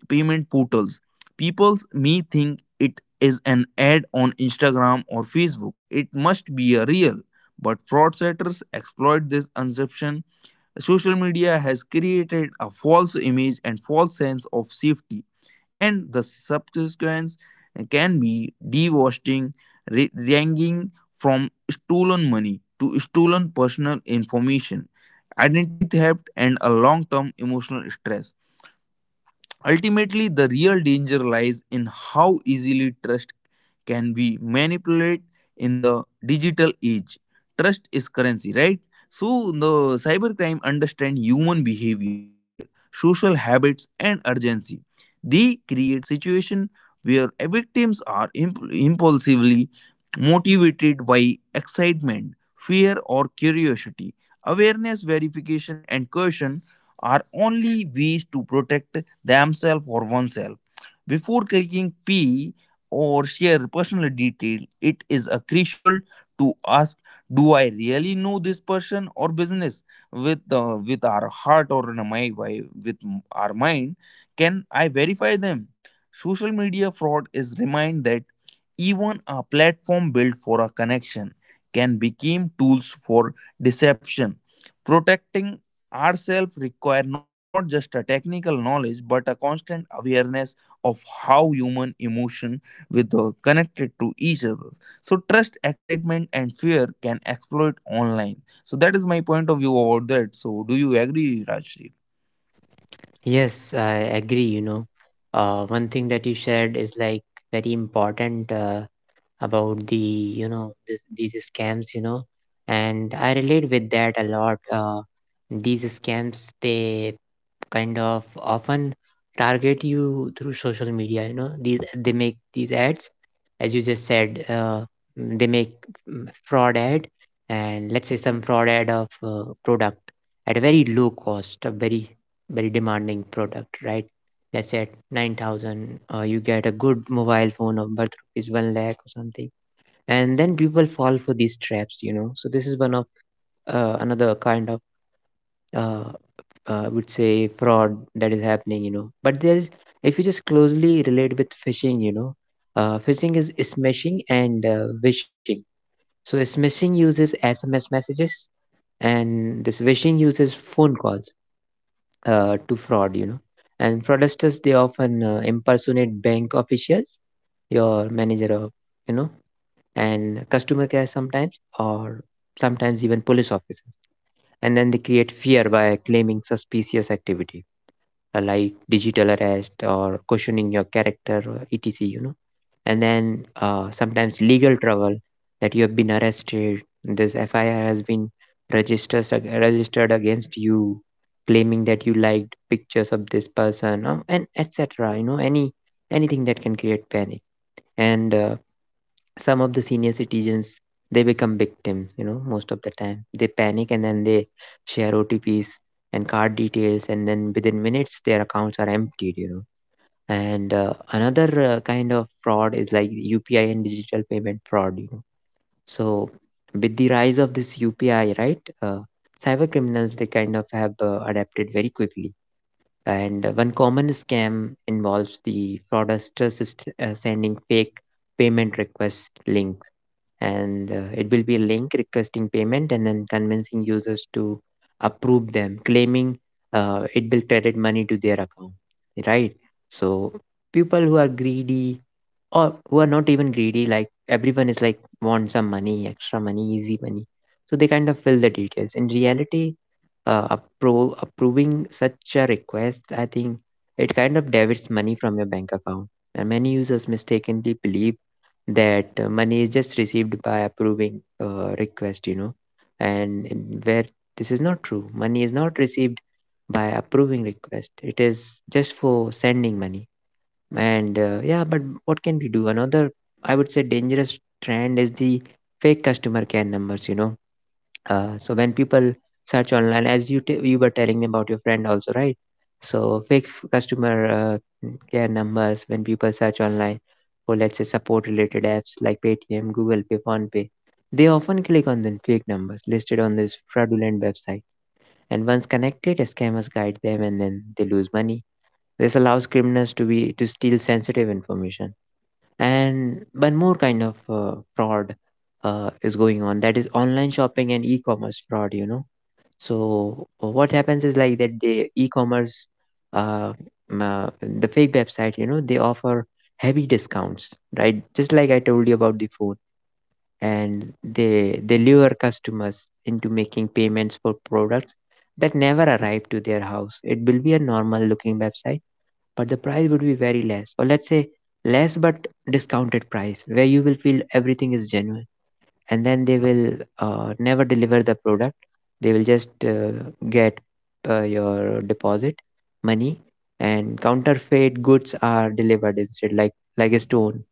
B: payment portals. People may think it is an ad on Instagram or Facebook, it must be a real, but fraudsters exploit this assumption. Social media has created a false image and false sense of safety, and the subsequence can be devastating, ra- ranging from stolen money to stolen personal information, identity theft, and a long term emotional stress. Ultimately, the real danger lies in how easily trust can be manipulated in the digital age. Trust is currency, right? So, the cybercrime understand human behavior, social habits, and urgency. They create situation where victims are imp- impulsively motivated by excitement, fear, or curiosity. Awareness, verification, and caution are only ways to protect themselves or oneself. Before clicking P or share personal detail, it is a crucial to ask, do I really know this person or business, with uh, with our heart or in my wi- with our mind, can I verify them? Social media fraud is remind that even a platform built for a connection can become tools for deception. Protecting ourselves require not just a technical knowledge but a constant awareness of how human emotion with the connected to each other, so trust, excitement, and fear can exploit online. So that is my point of view about that. So do you agree, Rajshri?
A: Yes, I agree. You know, uh, one thing that you shared is like very important uh, about the you know this, these scams. You know, and I relate with that a lot. Uh, these scams they kind of often target you through social media, you know. These they make these ads, as you just said, uh, mm, they make mm, fraud ad, and let's say some fraud ad of uh, product at a very low cost, a very very demanding product, right? Let's say at nine thousand uh, you get a good mobile phone of worth rupees one lakh or something, and then people fall for these traps, you know. So this is one of uh, another kind of uh, uh, I would say fraud that is happening, you know. But there's if you just closely relate with phishing, you know, uh, phishing is smishing and uh, wishing. So smishing uses S M S messages, and this wishing uses phone calls uh, to fraud, you know. And fraudsters they often uh, impersonate bank officials, your manager, or you know, and customer care sometimes, or sometimes even police officers. And then they create fear by claiming suspicious activity, uh, like digital arrest or questioning your character or etc, you know. And then uh, sometimes legal trouble, that you have been arrested, this fir has been registered registered against you, claiming that you liked pictures of this person uh, and etc, you know. Any anything that can create panic. And uh, some of the senior citizens they become victims, you know. Most of the time they panic and then they share otps and card details, and then within minutes their accounts are emptied, you know. And uh, another uh, kind of fraud is like upi and digital payment fraud, you know. So with the rise of this upi, right? uh, cyber criminals they kind of have uh, adapted very quickly. And uh, one common scam involves the fraudsters uh, sending fake payment request link, and uh, it will be a link requesting payment, and then convincing users to approve them, claiming uh, it will credit money to their account, right? So people who are greedy, or who are not even greedy, like everyone is like want some money, extra money, easy money. So they kind of fill the details. In reality, uh, appro- approving such a request, I think it kind of debits money from your bank account. And many users mistakenly believe that uh, money is just received by approving uh, request, you know. And in- where this is not true, money is not received by approving request, it is just for sending money. And uh, yeah, but what can we do. Another I would say dangerous trend is the fake customer care numbers, you know. uh, so when people search online, as you t- you were telling me about your friend also, right? So fake f- customer uh, n- care numbers, when people search online for let's say support related apps like Paytm, Google Pay, PhonePe, they often click on the fake numbers listed on this fraudulent website. And once connected, scammers guide them, and then they lose money. This allows criminals to be to steal sensitive information. And one more kind of uh, fraud uh, is going on, that is online shopping and e-commerce fraud. You know, so uh, what happens is like that the e-commerce uh, m- uh the fake website, you know, they offer heavy discounts, right? Just like I told you about the phone. And they they lure customers into making payments for products that never arrive to their house. It will be a normal looking website, but the price would be very less, or let's say less but discounted price, where you will feel everything is genuine. And then they will uh, never deliver the product. They will just uh, get uh, your deposit money, and counterfeit goods are delivered instead, like like a stone.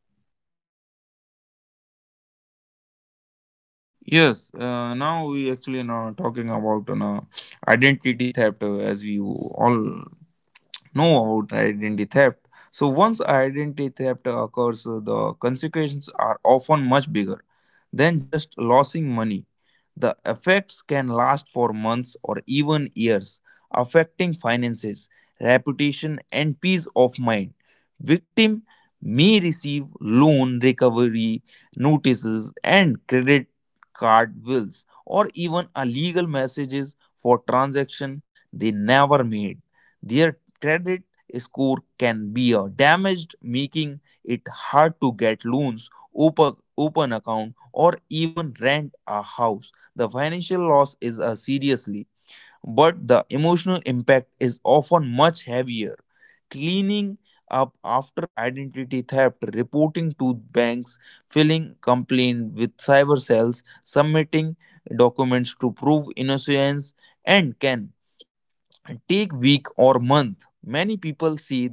B: Yes, uh, now we actually now talking about an uh, identity theft, uh, as we all no about identity theft. So once identity theft occurs, uh, the consequences are often much bigger than just losing money. The effects can last for months or even years, affecting finances, reputation, and peace of mind. Victim may receive loan recovery notices and credit card bills or even a legal messages for transaction they never made. Their credit score can be uh, damaged, making it hard to get loans, open, open account, or even rent a house. The financial loss is a seriously, but the emotional impact is often much heavier. Cleaning up after identity theft, reporting to banks, filling complaint with cyber cells, submitting documents to prove innocence, and can take week or month. Many people see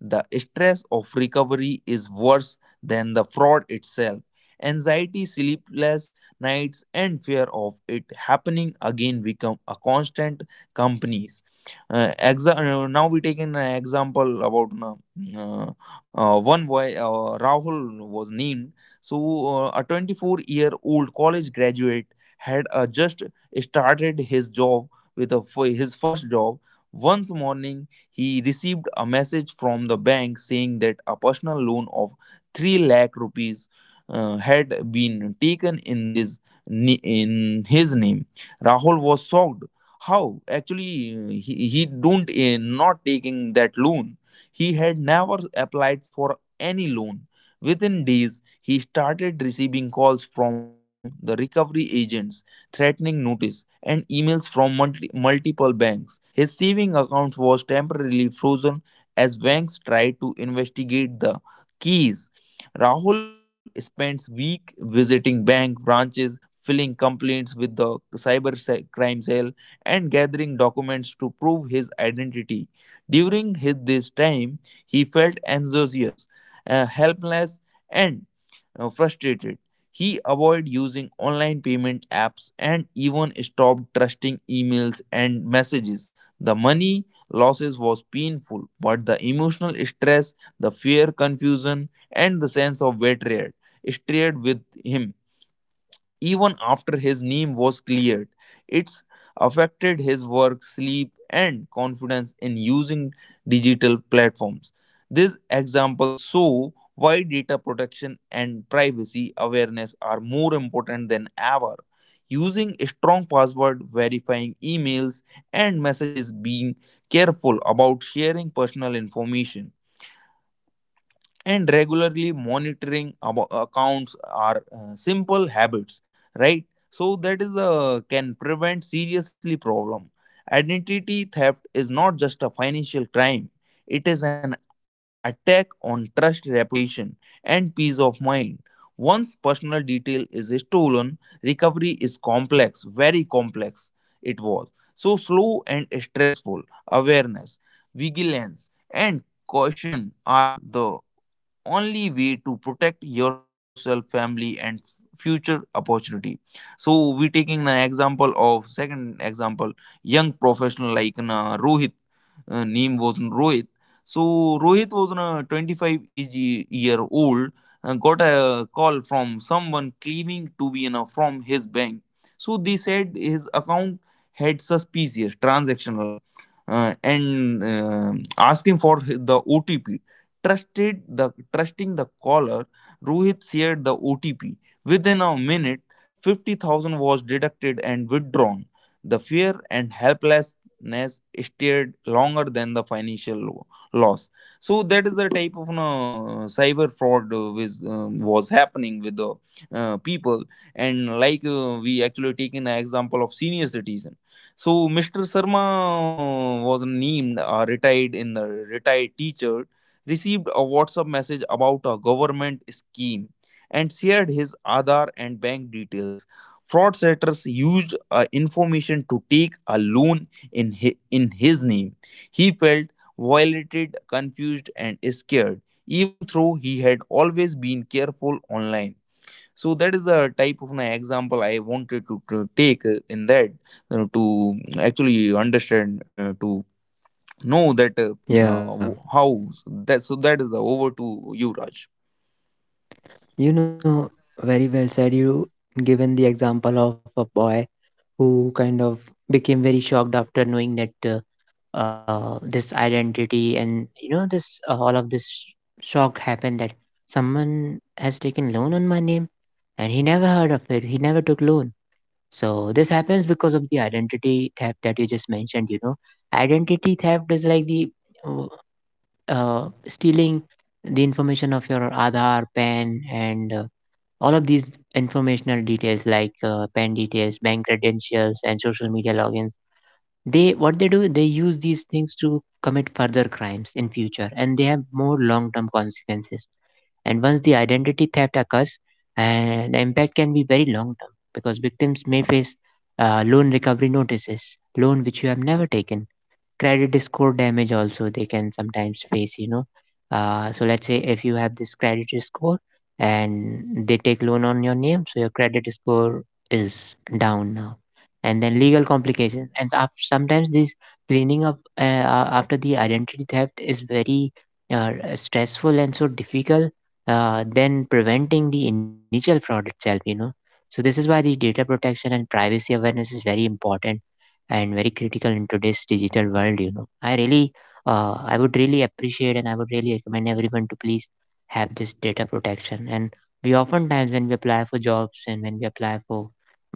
B: the stress of recovery is worse than the fraud itself. Anxiety, sleepless nights, and fear of it happening again become a constant companies. Uh, exa- uh, now we take an example about uh, uh, uh, one boy, uh, Rahul was named. So uh, a twenty-four year old college graduate had uh, just started his job with a, his first job. Once morning, he received a message from the bank saying that a personal loan of three lakh rupees uh, had been taken in this ni- in his name. Rahul was shocked. How? Actually, uh, he, he don't uh, not taking that loan. He had never applied for any loan. Within days, he started receiving calls from the recovery agents, threatening notice, and emails from multi- multiple banks. His saving account was temporarily frozen as banks tried to investigate the keys. Rahul spends weeks visiting bank branches, filing complaints with the cyber se- crime cell, and gathering documents to prove his identity. During his, this time, he felt anxious, uh, helpless, and uh, frustrated. He avoided using online payment apps and even stopped trusting emails and messages. The money losses was painful, but the emotional stress, the fear, confusion, and the sense of betrayal stayed with him even after his name was cleared. It's affected his work, sleep, and confidence in using digital platforms. This example show why data protection and privacy awareness are more important than ever. Using a strong password, verifying emails and messages, being careful about sharing personal information and regularly monitoring abo- accounts are uh, simple habits, right. So that is uh, can prevent seriously problem. Identity theft is not just a financial crime, it is an attack on trust, reputation, and peace of mind. Once personal detail is stolen, recovery is complex, very complex. It was so slow and stressful. Awareness, vigilance, and caution are the only way to protect yourself, family, and future opportunity. So we taking an example of second example, young professional like uh, Rohit. uh, name was Rohit. So Rohit was a twenty-five age year old, uh, got a call from someone claiming to be in a, from his bank. So they said his account had suspicious transactional, uh, and um asking for the O T P. Trusted the trusting the caller, Rohit shared the O T P. Within a minute, fifty thousand was deducted and withdrawn. The fear and helplessness stayed longer than the financial lo- loss. So that is the type of, no, cyber fraud uh, which um, was happening with the uh, people. And like uh, we actually taken an example of senior citizens. So mister Sharma was named a retired in the retired teacher, received a WhatsApp message about a government scheme, and shared his Aadhaar and bank details. Fraudsters used uh, information to take a loan in his, in his name. He felt violated, confused, and scared, even though he had always been careful online. So that is the type of an example I wanted to, to take uh, in that uh, to actually understand, uh, to know that uh,
A: Yeah,
B: uh, how that. So that is the, over to you, Raj.
A: you know, very well said. You given the example of a boy who kind of became very shocked after knowing that uh, uh, this identity, and you know this uh, all of this sh- shock happened, that someone has taken loan on my name, and he never heard of it, he never took loan. So this happens because of the identity theft that you just mentioned, you know. Identity theft is like the uh, uh, stealing the information of your Aadhaar, P A N, and uh, all of these informational details like uh, P A N details, bank credentials, and social media logins. They what they do, they use these things to commit further crimes in future, and they have more long term consequences. And once the identity theft occurs, uh, the impact can be very long term, because victims may face uh, loan recovery notices, loan which you have never taken, credit score damage also they can sometimes face, you know. uh, so let's say if you have this credit score, and they take loan on your name, so your credit score is down now. And then legal complications, and af- sometimes this cleaning up uh, uh, after the identity theft is very uh, stressful and so difficult uh, than preventing the initial fraud itself, you know. So this is why the data protection and privacy awareness is very important and very critical in today's digital world, you know. I really uh, I would really appreciate, and I would really recommend everyone to please have this data protection. And we oftentimes, when we apply for jobs and when we apply for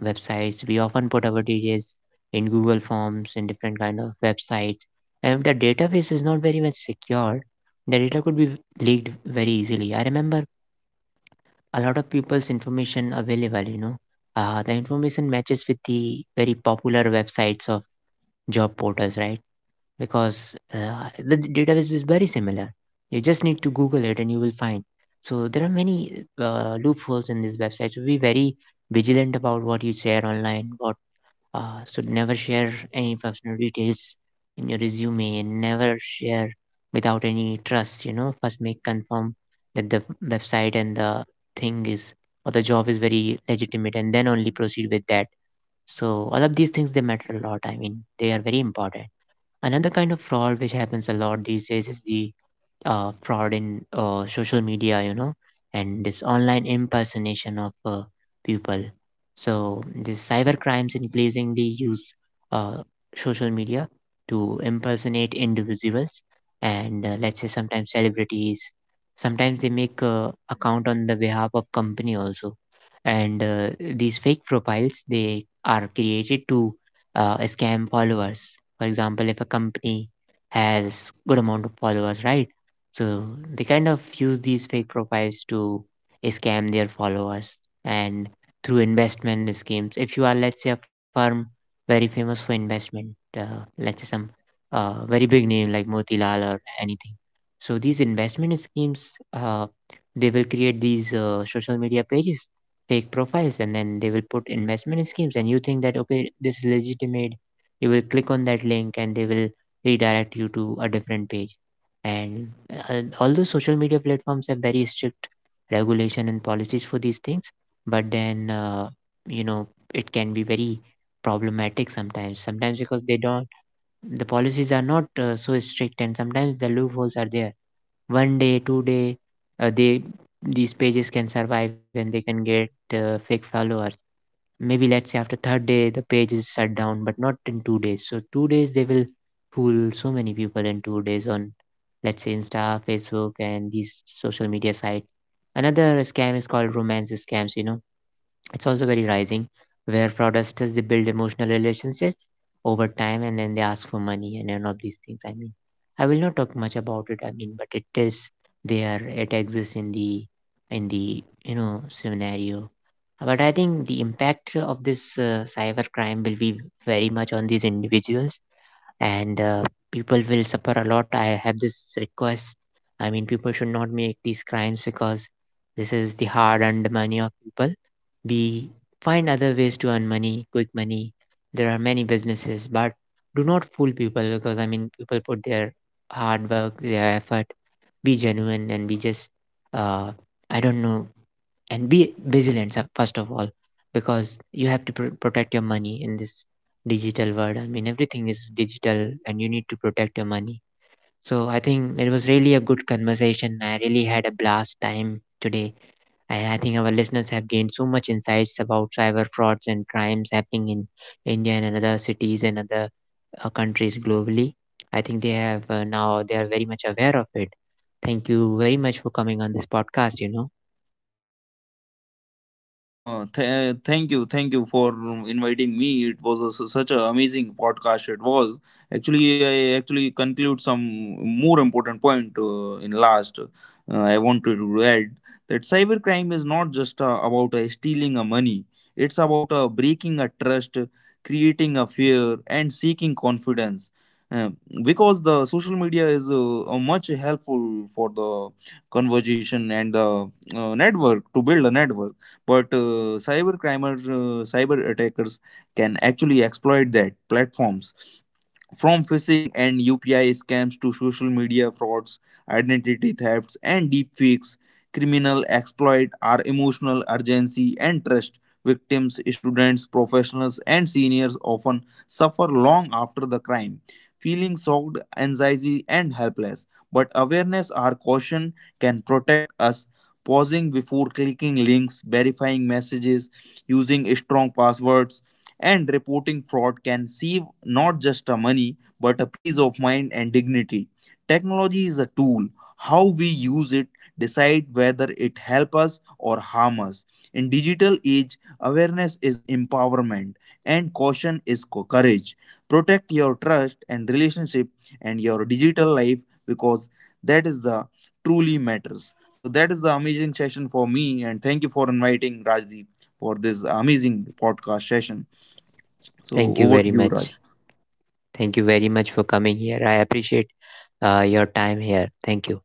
A: websites, we often put our details in google forms in different kind of websites. And if the database is not very much secured, the data could be leaked very easily. I remember a lot of people's information available, you know. uh, the information matches with the very popular websites, job portals, right? Because uh, the d- database is very similar. You just need to Google it and you will find. So there are many uh, loopholes in this website. So be very vigilant about what you share online. What uh, so never share any personal details in your resume, and never share without any trust. You know, first make confirm that the website and the thing is, or the job is very legitimate, and then only proceed with that. So all of these things they matter a lot. I mean, they are very important. Another kind of fraud which happens a lot these days is the uh, fraud in uh, social media, you know, and this online impersonation of uh, people. So these cyber crimes increasingly use uh, social media to impersonate individuals, and uh, let's say sometimes celebrities. Sometimes they make uh, account on the behalf of company also, and uh, these fake profiles they are created to uh, scam followers. For example, if a company has good amount of followers, right? So they kind of use these fake profiles to scam their followers and through investment schemes. If you are, let's say, a firm very famous for investment, uh, let's say some uh, very big name like Motilal or anything. So these investment schemes, uh, they will create these uh, social media pages, fake profiles, and then they will put investment schemes. And you think that, okay, this is legitimate. You will click on that link and they will redirect you to a different page. And uh, although social media platforms have very strict regulation and policies for these things, but then uh, you know it can be very problematic sometimes. Sometimes because they don't, the policies are not uh, so strict, and sometimes the loopholes are there. One day, two day, uh, they these pages can survive and they can get uh, fake followers. Maybe let's say after third day the page is shut down, but not in two days, so two days they will fool so many people in two days on let's say insta, facebook and these social media sites. Another scam is called romance scams, you know. It's also very rising, where fraudsters they build emotional relationships over time, and then they ask for money and all of these things. I mean, I will not talk much about it, I mean, but it is there, it exists in the in the you know scenario. But I think the impact of this uh, cyber crime will be very much on these individuals, and uh, people will suffer a lot. I have this request. I mean, people should not make these crimes, because this is the hard-earned money of people. We find other ways to earn money, quick money. There are many businesses, but do not fool people, because I mean, people put their hard work, their effort. Be genuine and be just, uh, I don't know, and be vigilant sir, first of all, because you have to pr- protect your money in this digital world. I mean, everything is digital and you need to protect your money. So I think it was really a good conversation. I really had a blast time today, and I think our listeners have gained so much insights about cyber frauds and crimes happening in India and other cities and other uh, countries globally. I think they have uh, now they are very much aware of it. Thank you very much for coming on this podcast, you know.
B: Uh, th- thank you, thank you for inviting me. It was a, s such an amazing podcast. It was actually I actually conclude some more important point uh, in last. Uh, I wanted to add that cybercrime is not just uh, about uh, stealing a money. It's about uh, breaking a trust, creating a fear, and seeking confidence. Uh, because the social media is uh, uh, much helpful for the conversation and the uh, network, to build a network. But uh, cyber crimers, uh, cyber attackers can actually exploit that platforms, from phishing and U P I scams to social media frauds, identity thefts, and deepfakes, criminal exploit our emotional urgency and trust. Victims, students, professionals, and seniors often suffer long after the crime, feeling shocked, anxiety, and helpless. But awareness or caution can protect us. Pausing before clicking links, verifying messages, using strong passwords, and reporting fraud can save not just a money, but a peace of mind and dignity. Technology is a tool. How we use it decide whether it help us or harm us. In digital age, awareness is empowerment and caution is co- courage. Protect your trust and relationship and your digital life, because that is the truly matters. So that is the amazing session for me, and thank you for inviting Rajdeep for this amazing podcast session. So
A: Thank you
B: over to
A: very
B: you,
A: much.
B: Raj.
A: Thank you very much for coming here. I appreciate uh, your time here. Thank you.